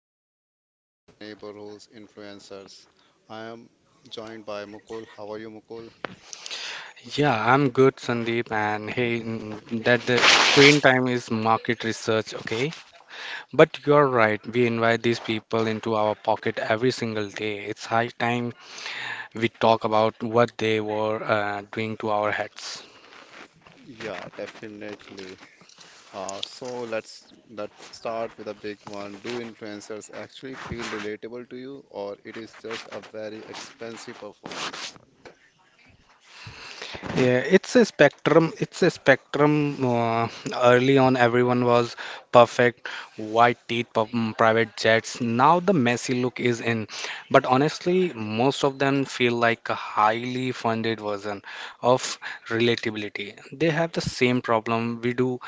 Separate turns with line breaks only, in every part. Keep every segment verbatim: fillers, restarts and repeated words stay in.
them and our neighborhoods influencers. I am joined by Mukul. How are you, Mukul?
Yeah, I'm good, Sandeep. And hey, mm, that the screen time is market research, okay? But you're right, we invite these people into our pocket every single day. It's high time we talk about what they were uh, doing to our heads.
Yeah, definitely. Uh, so let's let's start with a big one. Do influencers actually feel relatable to you, or it is just a very expensive performance?
Yeah, it's a spectrum. It's a spectrum. Uh, early on, everyone was perfect, white teeth, pu- mm, private jets. Now the messy look is in. But honestly, most of them feel like a highly funded version of relatability. They have the same problem we do,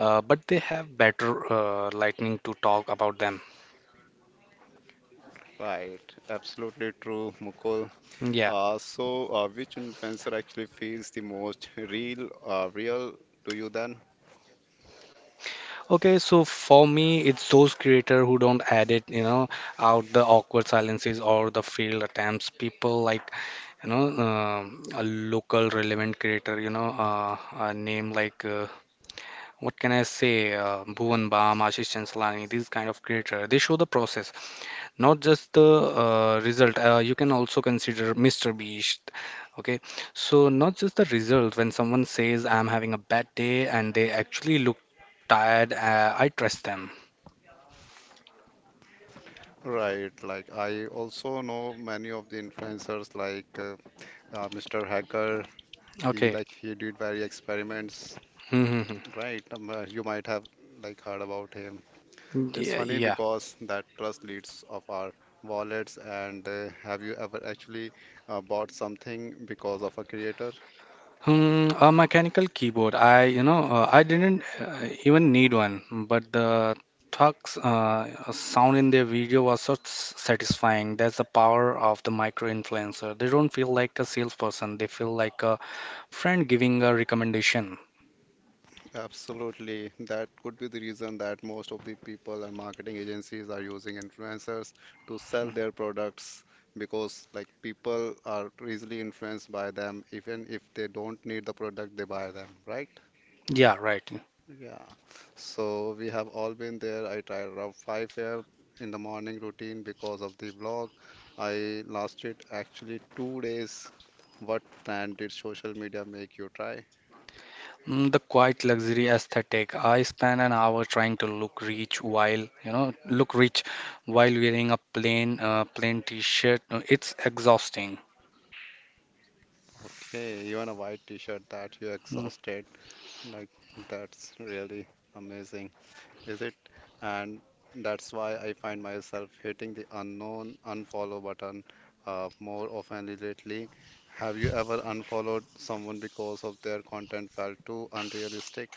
uh, but they have better uh, lightning to talk about them.
Right, absolutely true, Mukul.
Yeah.
Uh, so, uh, which influencer actually feels the most real, uh, real to you then?
Okay, so for me, it's those creators who don't edit, you know, out the awkward silences or the failed attempts. People like, you know, um a local relevant creator, you know, uh, a name like, uh, what can I say, uh, Bhuvan Bam, Ashish Chanslani, these kind of creator. They show the process, not just the uh, result. Uh, you can also consider Mister Beast. Okay, so not just the result. When someone says, "I'm having a bad day," and they actually look tired, uh, I trust them.
Right, like I also know many of the influencers, like uh, uh, Mister Hacker. He
Okay.
like he did very experiments,
Mm-hmm.
right? Um, uh, you might have like heard about him. It's
Yeah,
funny
yeah.
because that trust leads of our wallets. And uh, have you ever actually uh, bought something because of a creator?
Hmm, a mechanical keyboard. I, you know, uh, I didn't uh, even need one, but the thugs uh, sound in their video was so s- satisfying. That's the power of the micro influencer. They don't feel like a salesperson. They feel like a friend giving a recommendation.
Absolutely. That could be the reason that most of the people and marketing agencies are using influencers to sell their products because like people are easily influenced by them. Even if they don't need the product, they buy them, right?
Yeah, right.
Yeah. So we have all been there. I tried around five a m in the morning routine because of the vlog. I lasted actually two days. What trend did social media make you try?
Mm, The quiet luxury aesthetic. I spent an hour trying to look rich while, you know, look rich while wearing a plain, uh, plain t-shirt. Uh, It's exhausting.
Okay, even a white t-shirt that you exhausted like, that's really amazing, is it? And that's why I find myself hitting the unknown unfollow button uh, more often lately. Have you ever unfollowed someone because of their content felt too unrealistic?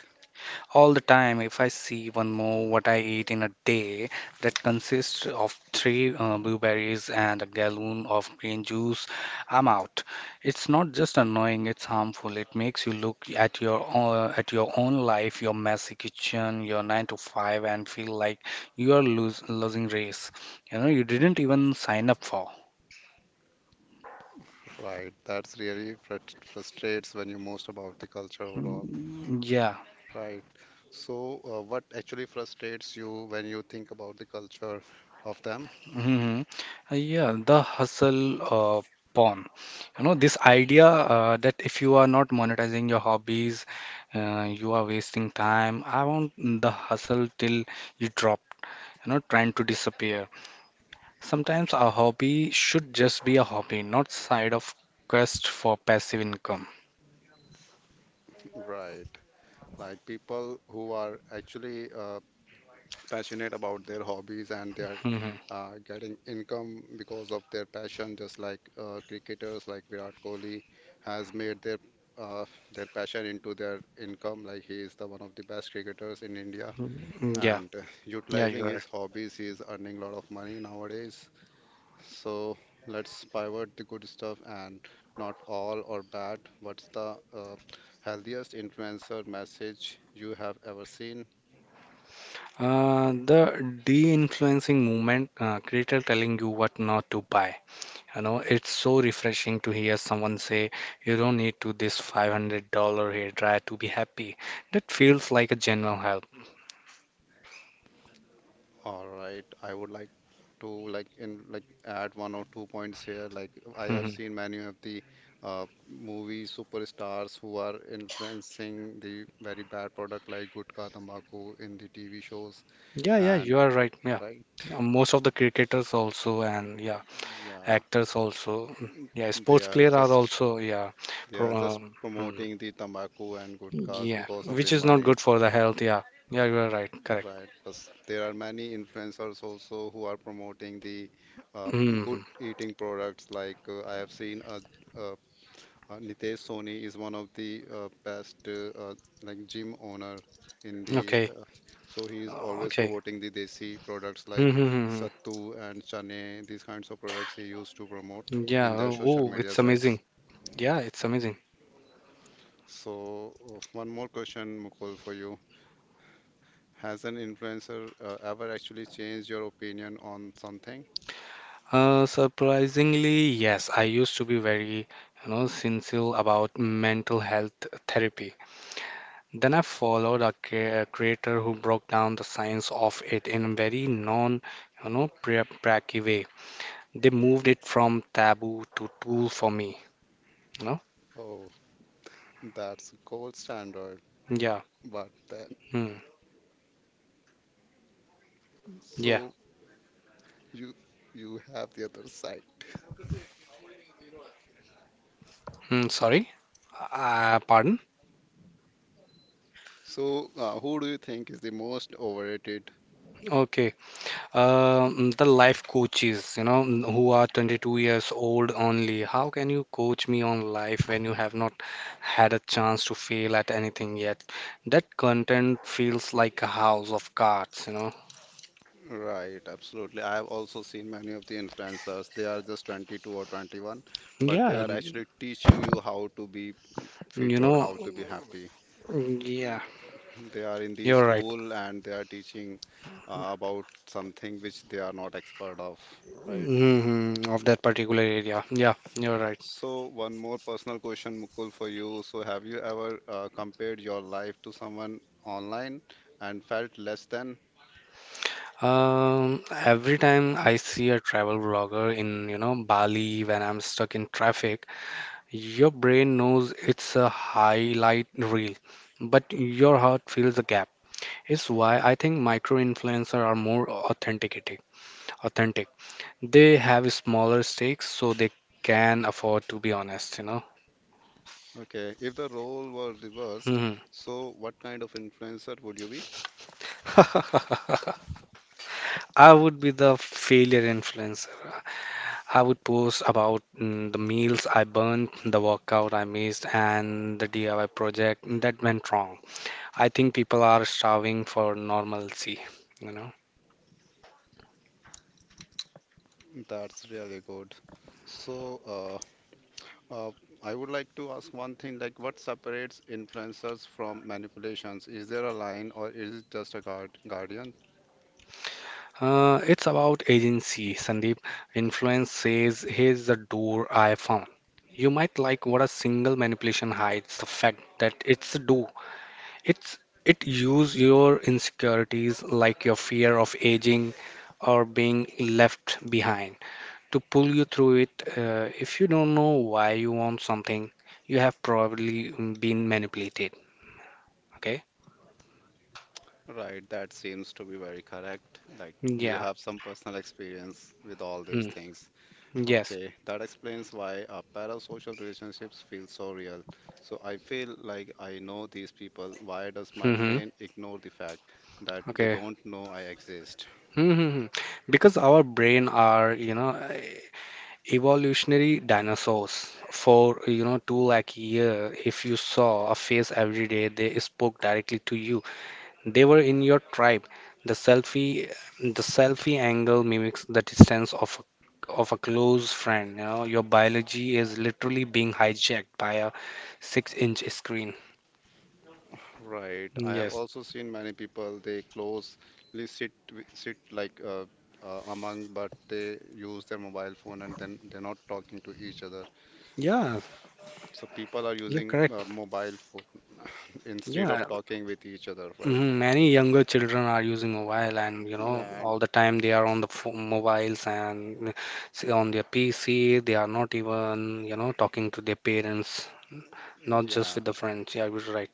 All the time, if I see one more what I eat in a day that consists of three uh, blueberries and a gallon of green juice, I'm out. It's not just annoying, it's harmful. It makes you look at your own, at your own life, your messy kitchen, your nine to five, and feel like you are lose, losing race. You know, you didn't even sign up for.
Right, that's really frust frustrates when you most about the culture overall.
Mm, yeah.
Right. So, uh, what actually frustrates you when you think about the culture of them?
Hmm, yeah, the hustle uh, porn. You know, this idea uh, that if you are not monetizing your hobbies, uh, you are wasting time. I want the hustle till you drop, you know, trying to disappear. Sometimes a hobby should just be a hobby, not side of quest for passive income.
Right. Like people who are actually uh, passionate about their hobbies and they are
Mhm.
uh, getting income because of their passion, just like uh, cricketers like Virat Kohli has made their uh, their passion into their income. Like he is the one of the best cricketers in India,
Mm, yeah,
and uh,
yeah,
utilizing
you're right.
his hobbies, he is earning a lot of money nowadays. So let's pivot the good stuff and not all or bad. What's the uh, healthiest influencer message you have ever seen?
Uh, the de-influencing movement, uh, creator telling you what not to buy. You know, it's so refreshing to hear someone say, you don't need to this five hundred dollars hair dryer to be happy. That feels like a general help.
All right. I would like to like in like add one or two points here. Like I have
Mhm.
seen many of the uh, movie superstars who are influencing the very bad product like Gutka Tambaku in the T V shows
Yeah, yeah,
and
you are right. Yeah,
right.
Uh, most of the cricketers also, and yeah,
Yeah,
actors also. Mm, yeah,
they
sports
are
player are
just
also, yeah,
they
pro,
are just
um, mm,
promoting the tambaku and gutkás
yeah,
because of
which
the
is not
money,
good for the health. Yeah, yeah, you are right. Correct.
right? But there are many influencers also who are promoting the uh, good
Mm,
eating products. Like uh, I have seen a, a Uh, Nitesh Soni is one of the uh, best uh, uh, like gym owner in the
okay.
uh, so he is
Uh,
always
okay.
promoting the desi products like
Mm-hmm. Mm-hmm.
sattu and chane these kinds of products he used to promote
Yeah,
in their social
oh,
media
it's
sites.
amazing. Yeah, it's
Right.
amazing.
So uh, one more question, Mukul, for you. Has an influencer uh, ever actually changed your opinion on something?
Uh, surprisingly, yes, I used to be very, you know, sincere about mental health therapy. Then I followed a cre- a creator who broke down the science of it in a very non, you know, pra- pracky way. They moved it from taboo to tool for me, you know?
Oh, that's gold standard.
Yeah.
But then,
Hmm. Yeah.
so you you have the other side.
Hmm. Sorry. Uh, pardon?
So, uh, who do you think is the most overrated?
Okay. Um, the life coaches, you know, who are twenty-two years old only. How can you coach me on life when you have not had a chance to fail at anything yet? That content feels like a house of cards, you know.
Right, absolutely. I have also seen many of the influencers. They are just twenty two or twenty one, but they
Yeah,
are actually teaching you how to be fit
you
or
know,
how to be happy.
mm, yeah,
They are in the
you're right.
school and they are teaching uh, about something which they are not expert of, right?
Hmm, of that particular area. Yeah, you're right.
So, one more personal question, Mukul, for you. So, have you ever uh, compared your life to someone online and felt less than?
Um, every time I see a travel vlogger in, you know, Bali when I'm stuck in traffic, your brain knows it's a highlight reel, but your heart fills the gap. It's why I think micro influencers are more authentic. Authentic. They have smaller stakes, so they can afford to be honest. You know.
Okay, if the role were reversed,
Hmm.
so what kind of influencer would you be?
I would be the failure influencer. I would post about mm, the meals I burnt, the workout I missed, and the D I Y project that went wrong. I think people are starving for normalcy. You know.
That's really good. So, uh, uh, I would like to ask one thing, like what separates influencers from manipulations? Is there a line or is it just a guard guardian?
Uh, it's about agency, Sandeep. Influence says, "Here's the door I found. You might like what a single manipulation hides the fact that it's a do." It's it use your insecurities like your fear of aging or being left behind to pull you through it. Uh, if you don't know why you want something, you have probably been manipulated. Okay?
Right, that seems to be very correct. Like you
Yeah.
have some personal experience with all these
Hmm.
things.
Yes.
Okay, that explains why uh, parasocial relationships feel so real. So I feel like I know these people. Why does my
Mm-hmm.
brain ignore the fact that they
Okay.
don't know I exist?
Mm-hmm. Because our brain are, you know, evolutionary dinosaurs for, you know, two lakh year. If you saw a face every day, they spoke directly to you. They were in your tribe. The selfie, the selfie angle mimics the distance of of a close friend. You know, your biology is literally being hijacked by a six-inch screen.
Right. I have
Yes.
also seen many people, they closely sit, wi- sit like uh, uh, among, but they use their mobile phone and then they're not talking to each other.
Yeah,
So people are
you're
using
correct.
uh, mobile phone instead
Yeah.
of talking with each other, right?
Mhm, many younger children are using mobile, and you know,
Yeah,
all the time they are on the pho- mobiles and s- on their P C. They are not even, you know, talking to their parents, not just
yeah.
with the friends. Yeah, I was right.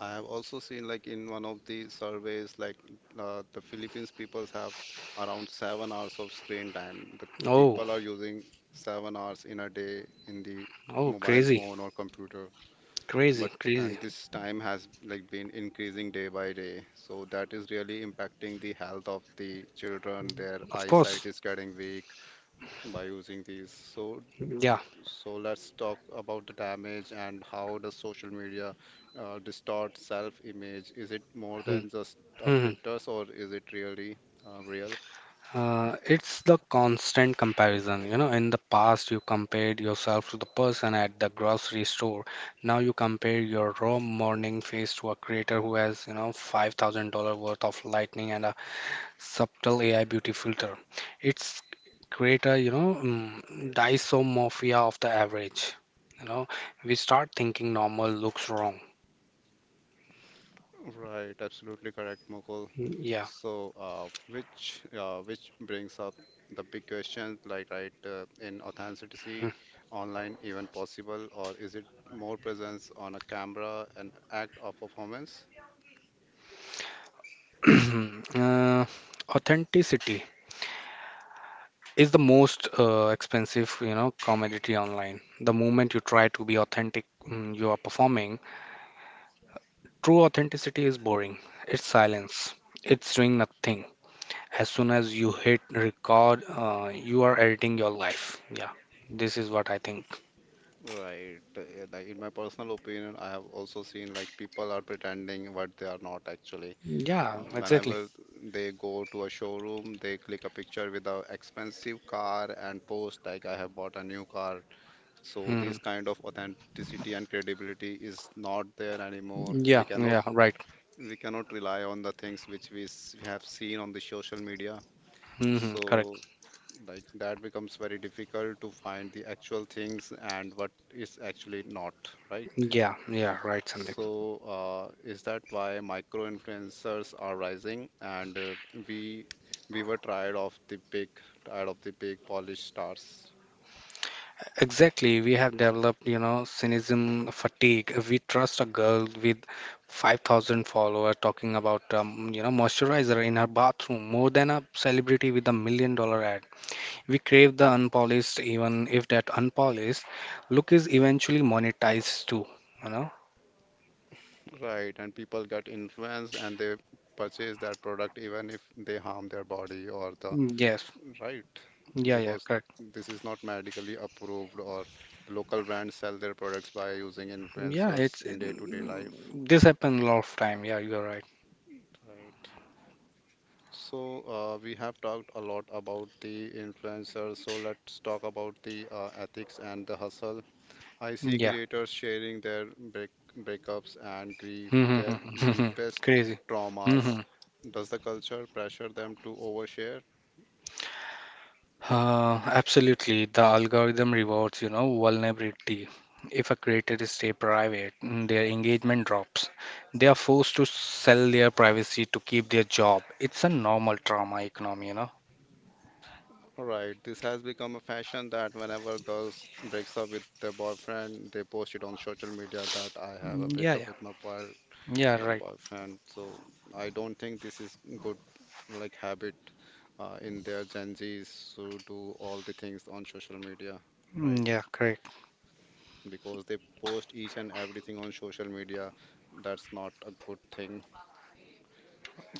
I have also seen like in one of the surveys, like uh, the Philippines peoples have around seven hours of screen time. The
Oh,
people are using seven hours in a day in the
oh,
mobile
crazy,
phone or computer.
crazy,
But
crazy.
and this time has like been increasing day by day. So that is really impacting the health of the children. Their
Of
eyesight
course,
is getting weak by using these. So
yeah.
so let's talk about the damage and how does social media uh, distort self-image? Is it more
Mm-hmm.
than just a
Mm-hmm.
filters or is it really uh, real?
Uh, it's the constant comparison. You know, in the past, you compared yourself to the person at the grocery store. Now you compare your raw morning face to a creator who has, you know, five thousand dollars worth of lightning and a subtle A I beauty filter. It's Creator, you know, mm, dysomorphia of the average. You know, we start thinking normal looks wrong.
Right, absolutely correct, Mukul.
Mm, yeah.
So, uh, which uh, which brings up the big question, like, right, uh, in authenticity, online even possible, or is it more presence on a camera, an act of performance?
uh, Authenticity is the most uh, expensive, you know, commodity online. The moment you try to be authentic, mm, you are performing. True authenticity is boring. It's silence. It's doing nothing. As soon as you hit record, uh, you are editing your life. Yeah, this is what I think.
Right. uh, Like in my personal opinion, I have also seen like people are pretending what they are not actually.
Yeah,
Uh,
exactly.
whenever they go to a showroom, they click a picture with a expensive car and post like I have bought a new car. So
Hmm.
this kind of authenticity and credibility is not there anymore.
Yeah,
We cannot
yeah, right.
we cannot rely on the things which we s- have seen on the social media.
Hmm.
So
Correct.
like that becomes very difficult to find the actual things and what is actually not, right?
Yeah, yeah, right, Sandeep.
So, uh, is that why micro influencers are rising? And uh, we we were tired of the big, tired of the big polished stars,
Exactly, we have developed, you know, cynicism, fatigue. We trust a girl with five thousand followers talking about, um, you know, moisturizer in her bathroom more than a celebrity with a million dollar ad. We crave the unpolished, even if that unpolished look is eventually monetized too, you know?
right? And people get influenced and they purchase that product even if they harm their body or the
Mm, yes,
right,
yeah, yeah,
because
correct.
this is not medically approved, or the local brands sell their products by using
Yeah,
influencers
it's
in day-to-day life.
mm, this happened a lot of time. Yeah, you're right.
Right. So, uh, we have talked a lot about the influencers, so let's talk about the uh, ethics and the hustle. I see
Yeah.
creators sharing their break breakups and grief, their deepest
Crazy.
traumas. Does the culture pressure them to overshare?
Uh, absolutely. The algorithm rewards, you know, vulnerability. If a creator is stay private, mm, their engagement drops. They are forced to sell their privacy to keep their job. It's a normal trauma economy, you know.
Right, this has become a fashion that whenever girls breaks up with their boyfriend, they post it on social media that I have a
Mm, yeah,
breakup
yeah,
with my boy,
yeah,
my
right.
boyfriend. So I don't think this is good like habit uh, in their Gen Zs who do all the things on social media, right?
Mm, yeah, correct,
Because they post each and everything on social media, that's not a good thing.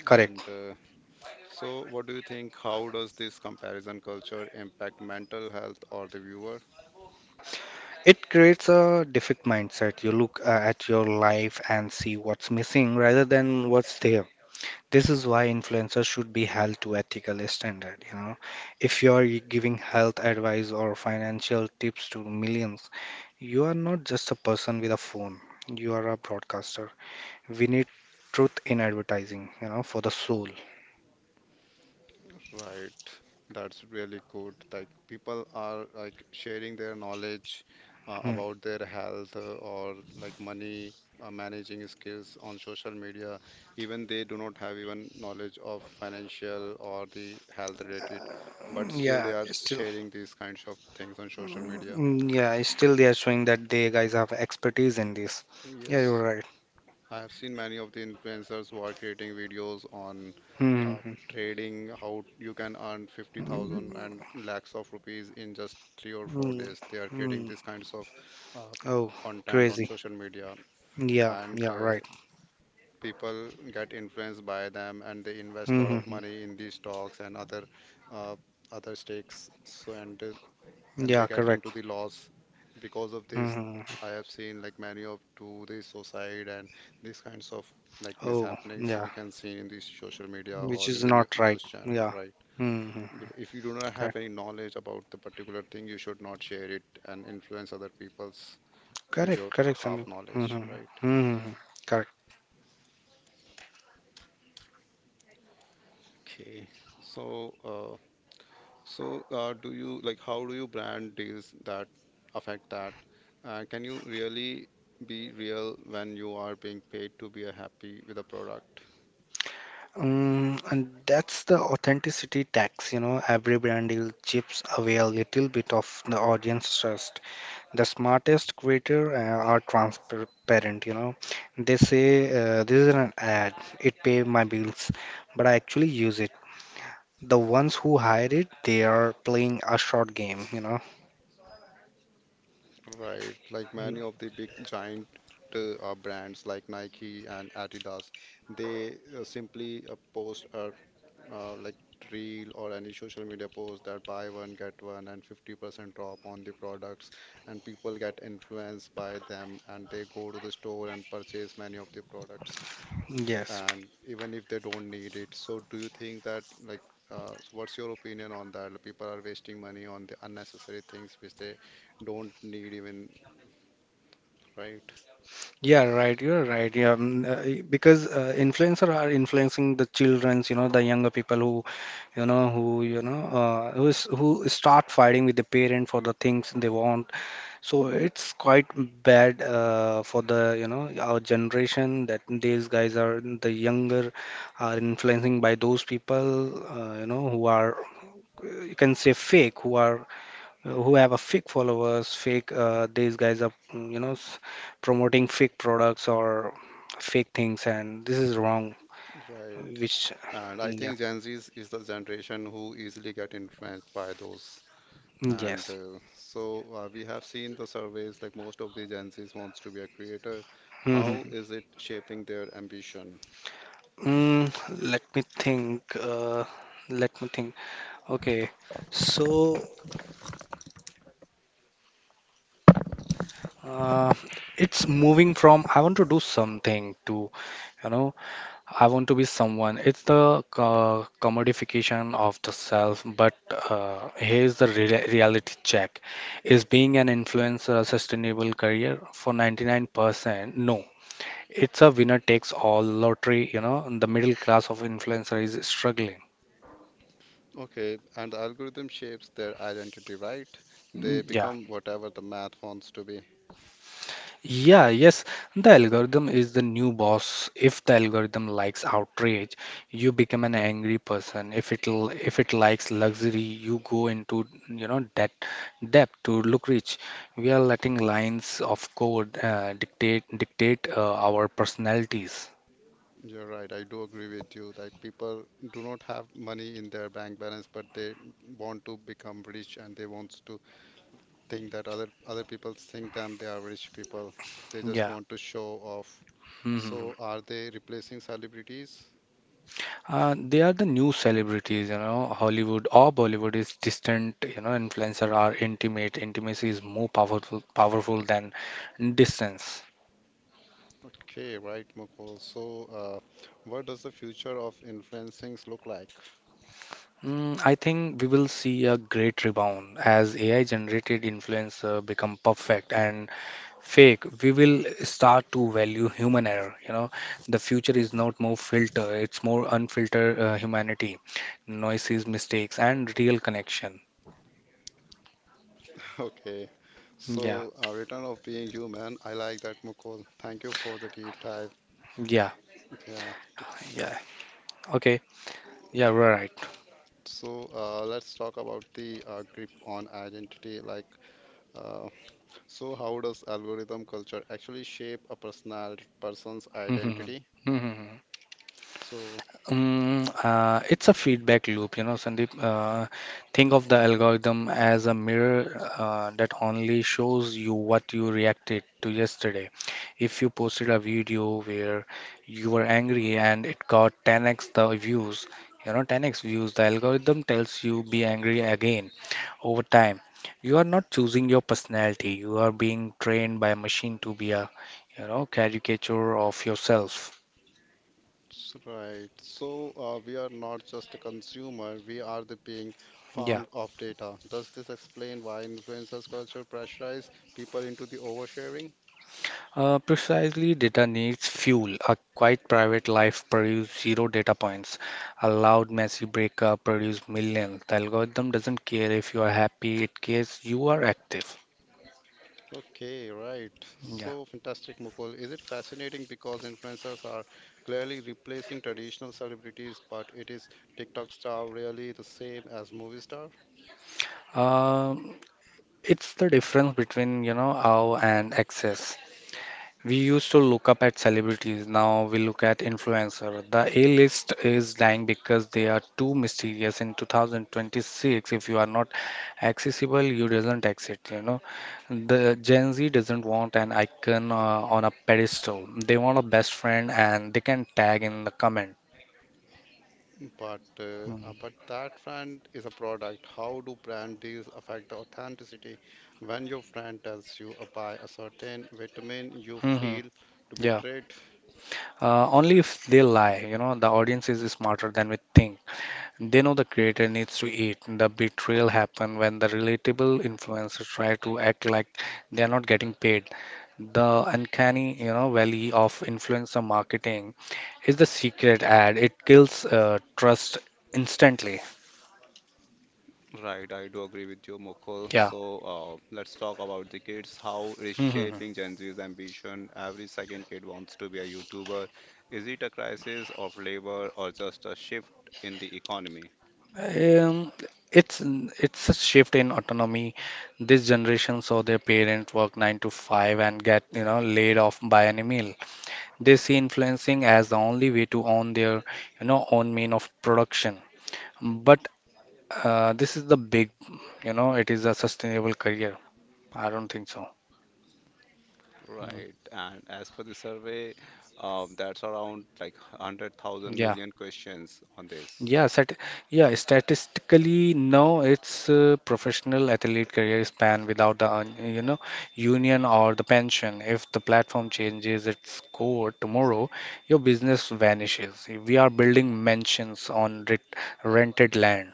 correct.
And uh, so, what do you think? How does this comparison culture impact mental health or the viewer?
It creates a defect mindset. You look uh, at your life and see what's missing rather than what's there. This is why influencers should be held to ethical standard, you know. If you are giving health advice or financial tips to millions, you are not just a person with a phone. You are a broadcaster. We need truth in advertising, you know, for the soul.
Right. That's really good. Like people are like sharing their knowledge uh,
Mm.
about their health uh, or like money uh, managing skills on social media. Even they do not have even knowledge of financial or the health related, but
Mm,
still
yeah,
they are
still.
sharing these kinds of things on social media.
Mm, yeah, still they are showing that they guys have expertise in this. Yeah, you're
Yes.
right.
I have seen many of the influencers who are creating videos on uh,
Mm-hmm.
trading, how you can earn fifty thousand
Mm,
and lakhs of rupees in just three or four
mm,
days. They are creating
mm.
these kinds of uh,
Oh,
content on
crazy.
social media,
Yeah,
and
yeah,
uh,
right.
people get influenced by them and they invest a lot of
Mm-hmm.
money in these stocks and other uh, other stakes. So, and uh, and
Yeah,
they get
correct.
into the loss because of this.
Hmm.
I have seen like many of do the suicide and these kinds of like
Oh,
mishappenings
yeah,
we can see in the social media
which
or
is
in the new,
not right.
news channel,
Yeah.
right?
Hmm.
Bec- if you do not have
Correct.
any knowledge about the particular thing you should not share it and influence other people's with
Correct.
your
Correct,
half
Sandeep.
knowledge,
Hmm.
right?
Hmm. Correct.
Okay, so uh, So, uh, do you like how do you brand deals that affect that? Uh, can you really be real when you are being paid to be a happy with a product?
Um, and that's the authenticity tax, you know. Every brand deal chips away a little bit of the audience trust. The smartest creator uh, are transparent, you know. They say, uh, this is an ad, it pay my bills, but I actually use it. The ones who hide it, they are playing a short game, you know.
Right, like many of the big giant uh, uh, brands like Nike and Adidas, they uh, simply uh, post a uh, like reel or any social media post that buy one get one and fifty percent drop on the products, and people get influenced by them and they go to the store and purchase many of the products,
Yes.
and even if they don't need it. So, do you think that like uh, so what's your opinion on that? People are wasting money on the unnecessary things which they don't need even right,
Yeah, right. You're right. Yeah, um, uh, because uh, influencer are influencing the childrens, you know, the younger people who, you know, who, you know, uh, who is, who start fighting with the parent for the things they want. So it's quite bad uh, for the, you know, our generation that these guys are the younger are influencing by those people, uh, you know, who are, uh, you can say fake, who are uh, who have a fake followers, fake uh, these guys are mm, you know s- promoting fake products or fake things, and this is wrong.
right.
Which
And I
mm, yeah,
think Gen Z is, is the generation who easily get influenced by those. And
yes.
uh, so uh, we have seen the surveys like most of the Gen Zs wants to be a creator.
Hmm.
How is it shaping their ambition?
Mm, Let me think. Uh, let me think. Okay, so uh, it's moving from "I want to do something" to, you know, "I want to be someone." It's the uh, commodification of the self, but uh, here's the rea- reality check. Is being an influencer a sustainable career? For ninety-nine percent, no. It's a winner takes all lottery, you know, and the middle class of influencer is struggling.
Okay, and the algorithm shapes their identity, right?
Mm,
They
yeah.
become whatever the math wants to be.
Yeah, yes, the algorithm is the new boss. If the algorithm likes outrage, you become an angry person. If it l- if it likes luxury, you go into, you know, debt debt to look rich. We are letting lines of code uh, dictate dictate uh, our personalities.
You're right. I do agree with you. Like people do not have money in their bank balance, but they want to become rich and they want to think that other other people think them they are rich people. They just
Yeah.
want to show off.
Hmm.
So are they replacing celebrities?
Uh, they are the new celebrities, you know. Hollywood or Bollywood is distant, you know. Influencer are intimate. Intimacy is more powerful, powerful than distance.
Okay, right, Mukul. So, uh, what does the future of influencing look like?
Mm, I think we will see a great rebound as A I generated influencer become perfect and fake. We will start to value human error. You know, the future is not more filter; it's more unfiltered uh, humanity, noises, mistakes, and real connection.
Okay,
Yeah,
so uh, return of being human. I like that, Mukul. Thank you for the deep dive.
yeah,
Yeah. t-
yeah. Okay, yeah, we're
So uh, let's talk about the uh, grip on identity. Like, uh, so how does algorithm culture actually shape a personality person's
right.
identity? So,
Um, uh, it's a feedback loop, you know, Sandeep. Uh, think of the algorithm as a mirror uh, that only shows you what you reacted to yesterday. If you posted a video where you were angry and it got ten x the views, you know, ten x views, the algorithm tells you be angry again over time. You are not choosing your personality. You are being trained by a machine to be a, you know, caricature of yourself.
s- right. So, uh, we are not just a consumer, we are the being
Yeah.
farmed of data. Does this explain why influencers culture pressurize people into the oversharing?
Uh, precisely, data needs fuel. A quiet private life produces zero data points. A loud, messy breakup produces millions. The algorithm doesn't care if you are happy, it cares you are active.
Okay, right.
Yeah.
So fantastic, Mukul. Is it fascinating because influencers are clearly replacing traditional celebrities, but it is TikTok star really the same as movie star?
Um, it's the difference between, you know, awe and excess. We used to look up at celebrities, now we look at influencer. The A-list is dying because they are too mysterious in two thousand twenty-six. If you are not accessible, you doesn't exist, you know. The Gen Z doesn't want an icon uh, on a pedestal. They want a best friend and they can tag in the comment.
But uh, uh, but that brand is a product. How do brand deals affect the authenticity? When your brand tells you uh, buy a certain vitamin, you
Mm-hmm.
feel to
Yeah.
betrayed.
Uh, only if they lie, you know, the audience is smarter than we think. They know the creator needs to eat. The betrayal happens when the relatable influencers try to act like they are not getting paid. The uncanny, you know, valley of influencer marketing is the secret ad. It kills uh, trust instantly.
Right, I do agree with you, Mukul.
Yeah.
So uh, let's talk about the kids, how it is
Mhm.
shaping Gen Z's ambition. Every second kid wants to be a YouTuber. Is it a crisis of labor or just a shift in the economy?
Um, it's it's a shift in autonomy. This generation saw their parents work nine to five and get you know laid off by any meal. They see influencing as the only way to own their you know own mean of production. But uh, this is the big, you know, it is a sustainable career. I don't think so. Mm.
Right. And as per the survey, um, that's around like 100,000
Yeah,
million questions on this.
yeah, Stat, yeah. Statistically, no, it's uh, professional athlete career span without the un- you know union or the pension. If the platform changes its core tomorrow, your business vanishes. We are building mansions on ret rented land.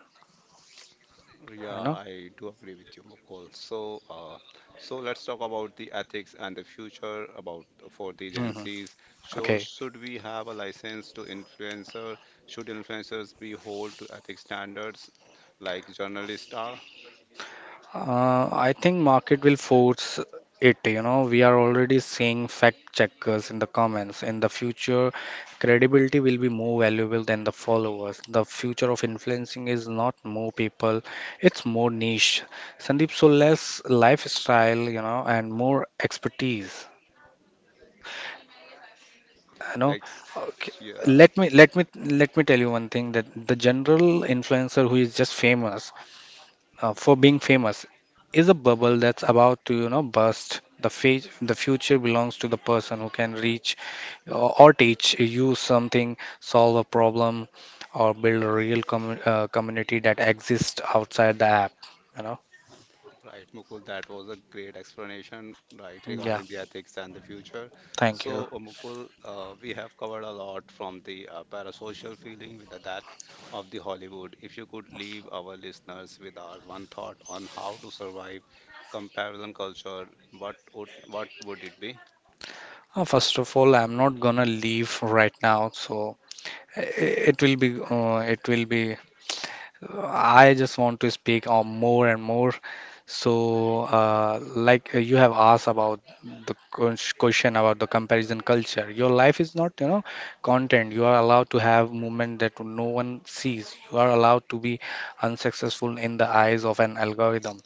Yeah,
You know.
I do agree with you, Mukul. So, uh, so let's talk about the ethics and the future about for the Gen
Hmm.
Zs. So,
Okay.
should we have a license to influencer? Should influencers be hold to ethics standards like journalists are?
Uh, I think market will force it, you know. We are already seeing fact checkers in the comments. In the future, credibility will be more valuable than the followers. The future of influencing is not more people, it's more niche. Sandeep, so less lifestyle, you know, and more expertise, you know.
Ex
Okay.
Yeah.
Let me let me let me tell you one thing that the general influencer who is just famous, uh, for being famous is a bubble that's about to you know burst the fa- the future belongs to the person who can reach or, or teach you something solve a problem or build a real commu- uh, community that exists outside the app you know.
Right, Mukul, that was a great explanation, right,
Yeah,
regarding the ethics and the future.
thank
So,
you.
uh, Mukul, uh, we have covered a lot from the uh, parasocial feeling with the death of the Hollywood. If you could leave our listeners with our one thought on how to survive comparison culture, what would what would it be?
Uh, first of all, I'm not gonna leave right now, so it will be, uh, it will be. uh, I just want to speak on more and more. So, uh, like uh, you have asked about the ques- question about the comparison culture, your life is not, you know, content. You are allowed to have movement that no one sees. You are allowed to be unsuccessful in the eyes of an algorithm.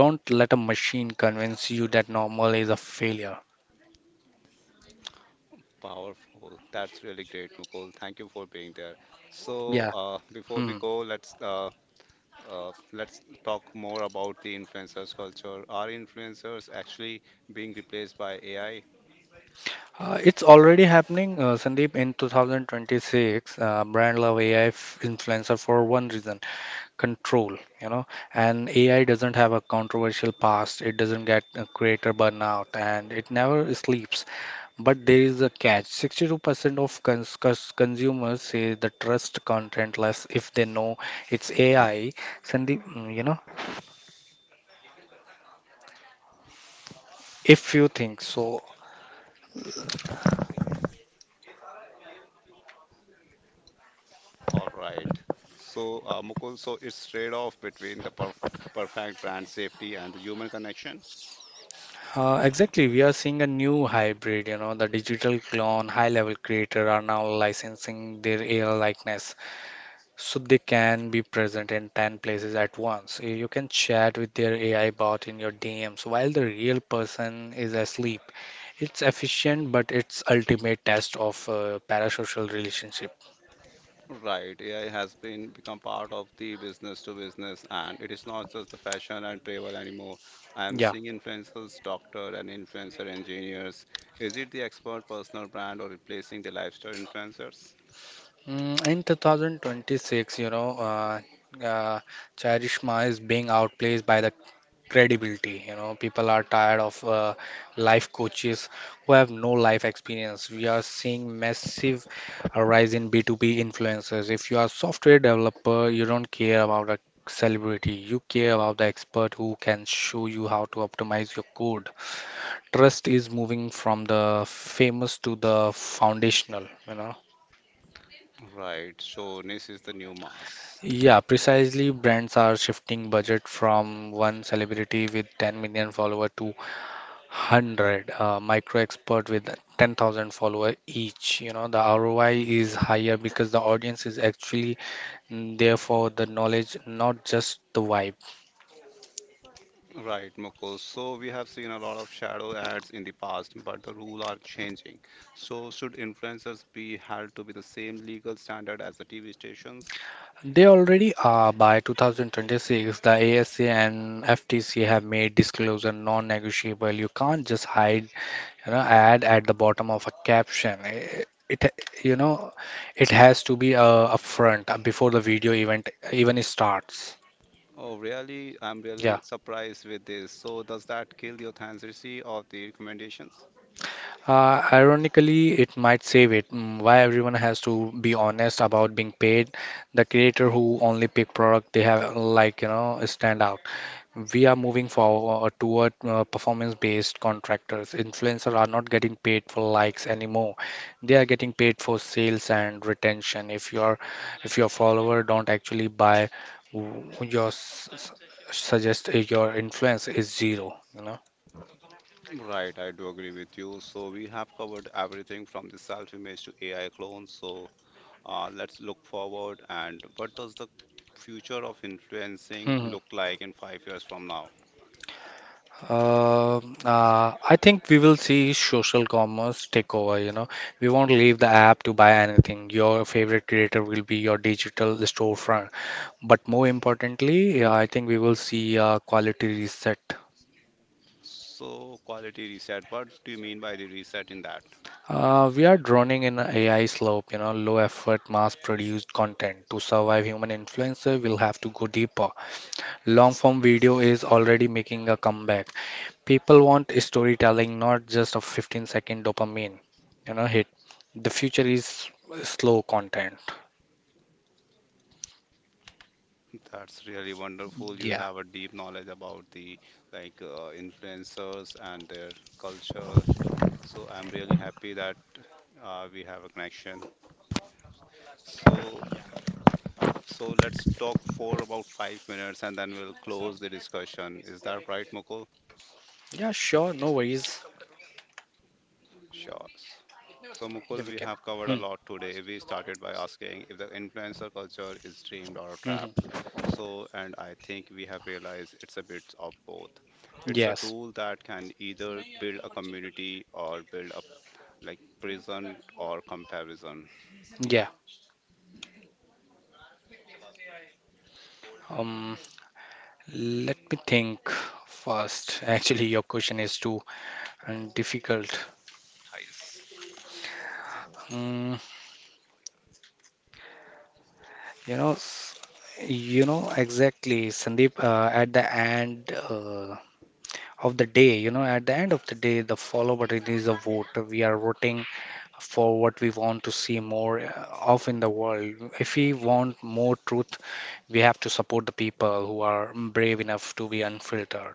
Don't let a machine convince you that normal is a failure.
Powerful. That's really great, Mukul. Thank you for being there. So,
Yeah.
uh, before we
Hmm.
go, let's uh, Uh, let's talk more about the influencers culture. Are influencers actually being replaced by A I?
Uh, it's already happening, uh, Sandeep. In two thousand twenty-six, uh, brand love A I influencer for one reason: control. You know, and A I doesn't have a controversial past. It doesn't get uh, creator burnout, and it never sleeps. But there is a catch: sixty-two percent of cons- cons- consumers say the trust content less if they know it's A I. Sandeep, mm, you know, if you think so.
All right. So, uh, Mukul, so it's trade-off between the perf perfect brand safety and the human connection.
Uh, exactly, we are seeing a new hybrid. You know, the digital clone, high-level creator are now licensing their A I likeness, so they can be present in ten places at once. Y- You can chat with their A I bot in your D Ms while the real person is asleep. It's efficient, but it's ultimate test of uh, parasocial relationship.
Right, A I has been become part of the business to business, and it is not just the fashion and travel anymore. I am
Yeah.
seeing influencers, doctor, and influencer engineers. Is it the expert personal brand or replacing the lifestyle influencers?
Mm, in twenty twenty-six, you know, uh, uh, Charishma is being outplayed by the credibility. You know, people are tired of uh, life coaches who have no life experience. We are seeing massive rise in B two B influencers. If you are a software developer, you don't care about a celebrity. You care about the expert who can show you how to optimize your code. Trust is moving from the famous to the foundational, you know.
Right, so Nis is the new mass.
Yeah,
Is that
precisely. Brands are shifting budget from one celebrity with ten million follower to one hundred uh, micro expert with ten thousand follower each. You know, the R O I is higher because the audience is actually mm, there for the knowledge, not just the vibe.
right, Mukul? So we have seen a lot of shadow ads in the past, but the rule are changing. So should influencers be held to be the same legal standard as the T V stations?
They already are by two thousand twenty-six. The A S A and F T C have made disclosure non-negotiable. You can't just hide, you know, ad at the bottom of a caption. Eh, It, you know, it has to be uh, upfront uh, before the video event even starts.
Oh, really? I'm
Yeah.
really surprised with this. So does that kill the authenticity of the recommendations?
Uh, ironically, it might save it. Mm. Why everyone has to be honest about being paid? The creator who only pick product they have like you know stand out. We are moving forward toward uh, performance-based contractors. Influencers are not getting paid for likes anymore. They are getting paid for sales and retention. If your if your follower don't actually buy, w- your s- s- suggest uh, your influence is zero. You know.
Right, I do agree with you. So we have covered everything from the self-image to A I clones. So Uh, let's look forward and what does the future of influencing
Hmm.
look like in five years from now?
Um, uh, I think we will see social commerce take over, you know. We won't leave the app to buy anything. Your favorite creator will be your digital storefront. But more importantly, yeah, I think we will see a quality reset.
So, quality reset, what do you mean by the reset in that?
Uh, we are droning in an a AI slope, you know, low effort, mass produced content. To survive human influencer, we'll have to go deeper. Long form video is already making a comeback. People want storytelling, not just a fifteen second dopamine, you know, hit. The future is slow content.
That's really wonderful. You
Yeah.
have a deep knowledge about the like uh, influencers and their culture. So I'm really happy that uh, we have a connection. So so let's talk for about five minutes and then we'll close the discussion. Is that right, Mukul?
Yeah, sure. No worries.
Sure. So,
Yeah,
Mukul,
we
we
can.
have covered a lot today. We started by asking if the influencer culture is dreamed or a trap.
Mm-hmm.
So, and I think we have realized it's a bit of both. It's a
Yes.
tool that can either build a community or build up like prison or comparison.
Yeah. Um, Let me think first. Actually, your question is too um, difficult. Mm, you know, s- you know exactly, Sandeep. Uh, at the end uh, of the day, you know, at the end of the day, the follow button is a vote. We are voting for what we want to see more uh, of in the world. If we want more truth, we have to support the people who are brave enough to be unfiltered.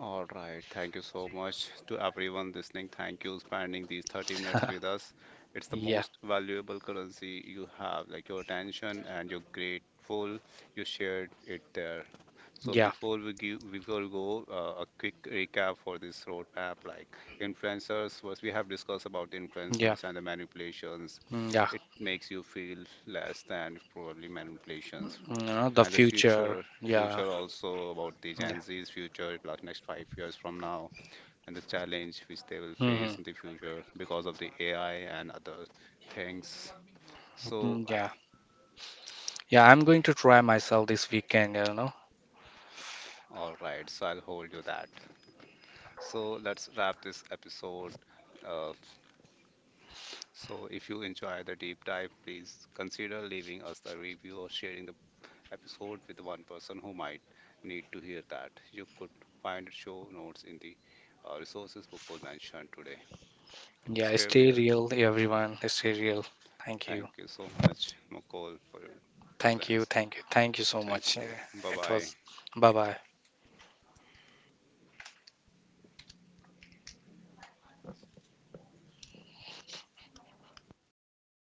All right. Thank you so much to everyone listening. Thank you spending these thirty minutes with us. It's the
Yeah,
most valuable currency you have, like your attention and you're grateful you shared it there. So
yeah,
before we give, before we go, uh, a quick recap for this roadmap, like influencers, was we have discussed about the
yeah,
influencers and the manipulations.
mm, yeah.
It makes you feel less than probably manipulations.
Mm, you know, the
And the
future.
future,
Yeah,
future also about the
yeah.
Gen Z's future, like next five years from now, and the challenge which they will
Mm-hmm.
face in the future because of the A I and other things. So,
Mm, yeah, yeah. I'm going to try myself this weekend, you know.
all right, so I'll hold you that. So let's wrap this episode. Uh, So, if you enjoy the deep dive, please consider leaving us a review or sharing the episode with one person who might need to hear that. You could find show notes in the uh, resources Mukul mentioned today. Right.
Yeah,
Stay
stay
real.
real, everyone. Stay real. Thank you.
Thank you so much, Mukul, for your
Thank you.
presence.
Thank you. Thank you so
Thank
much.
you.
Yeah,
Bye
it
bye.
was. Bye
Take
bye.
care.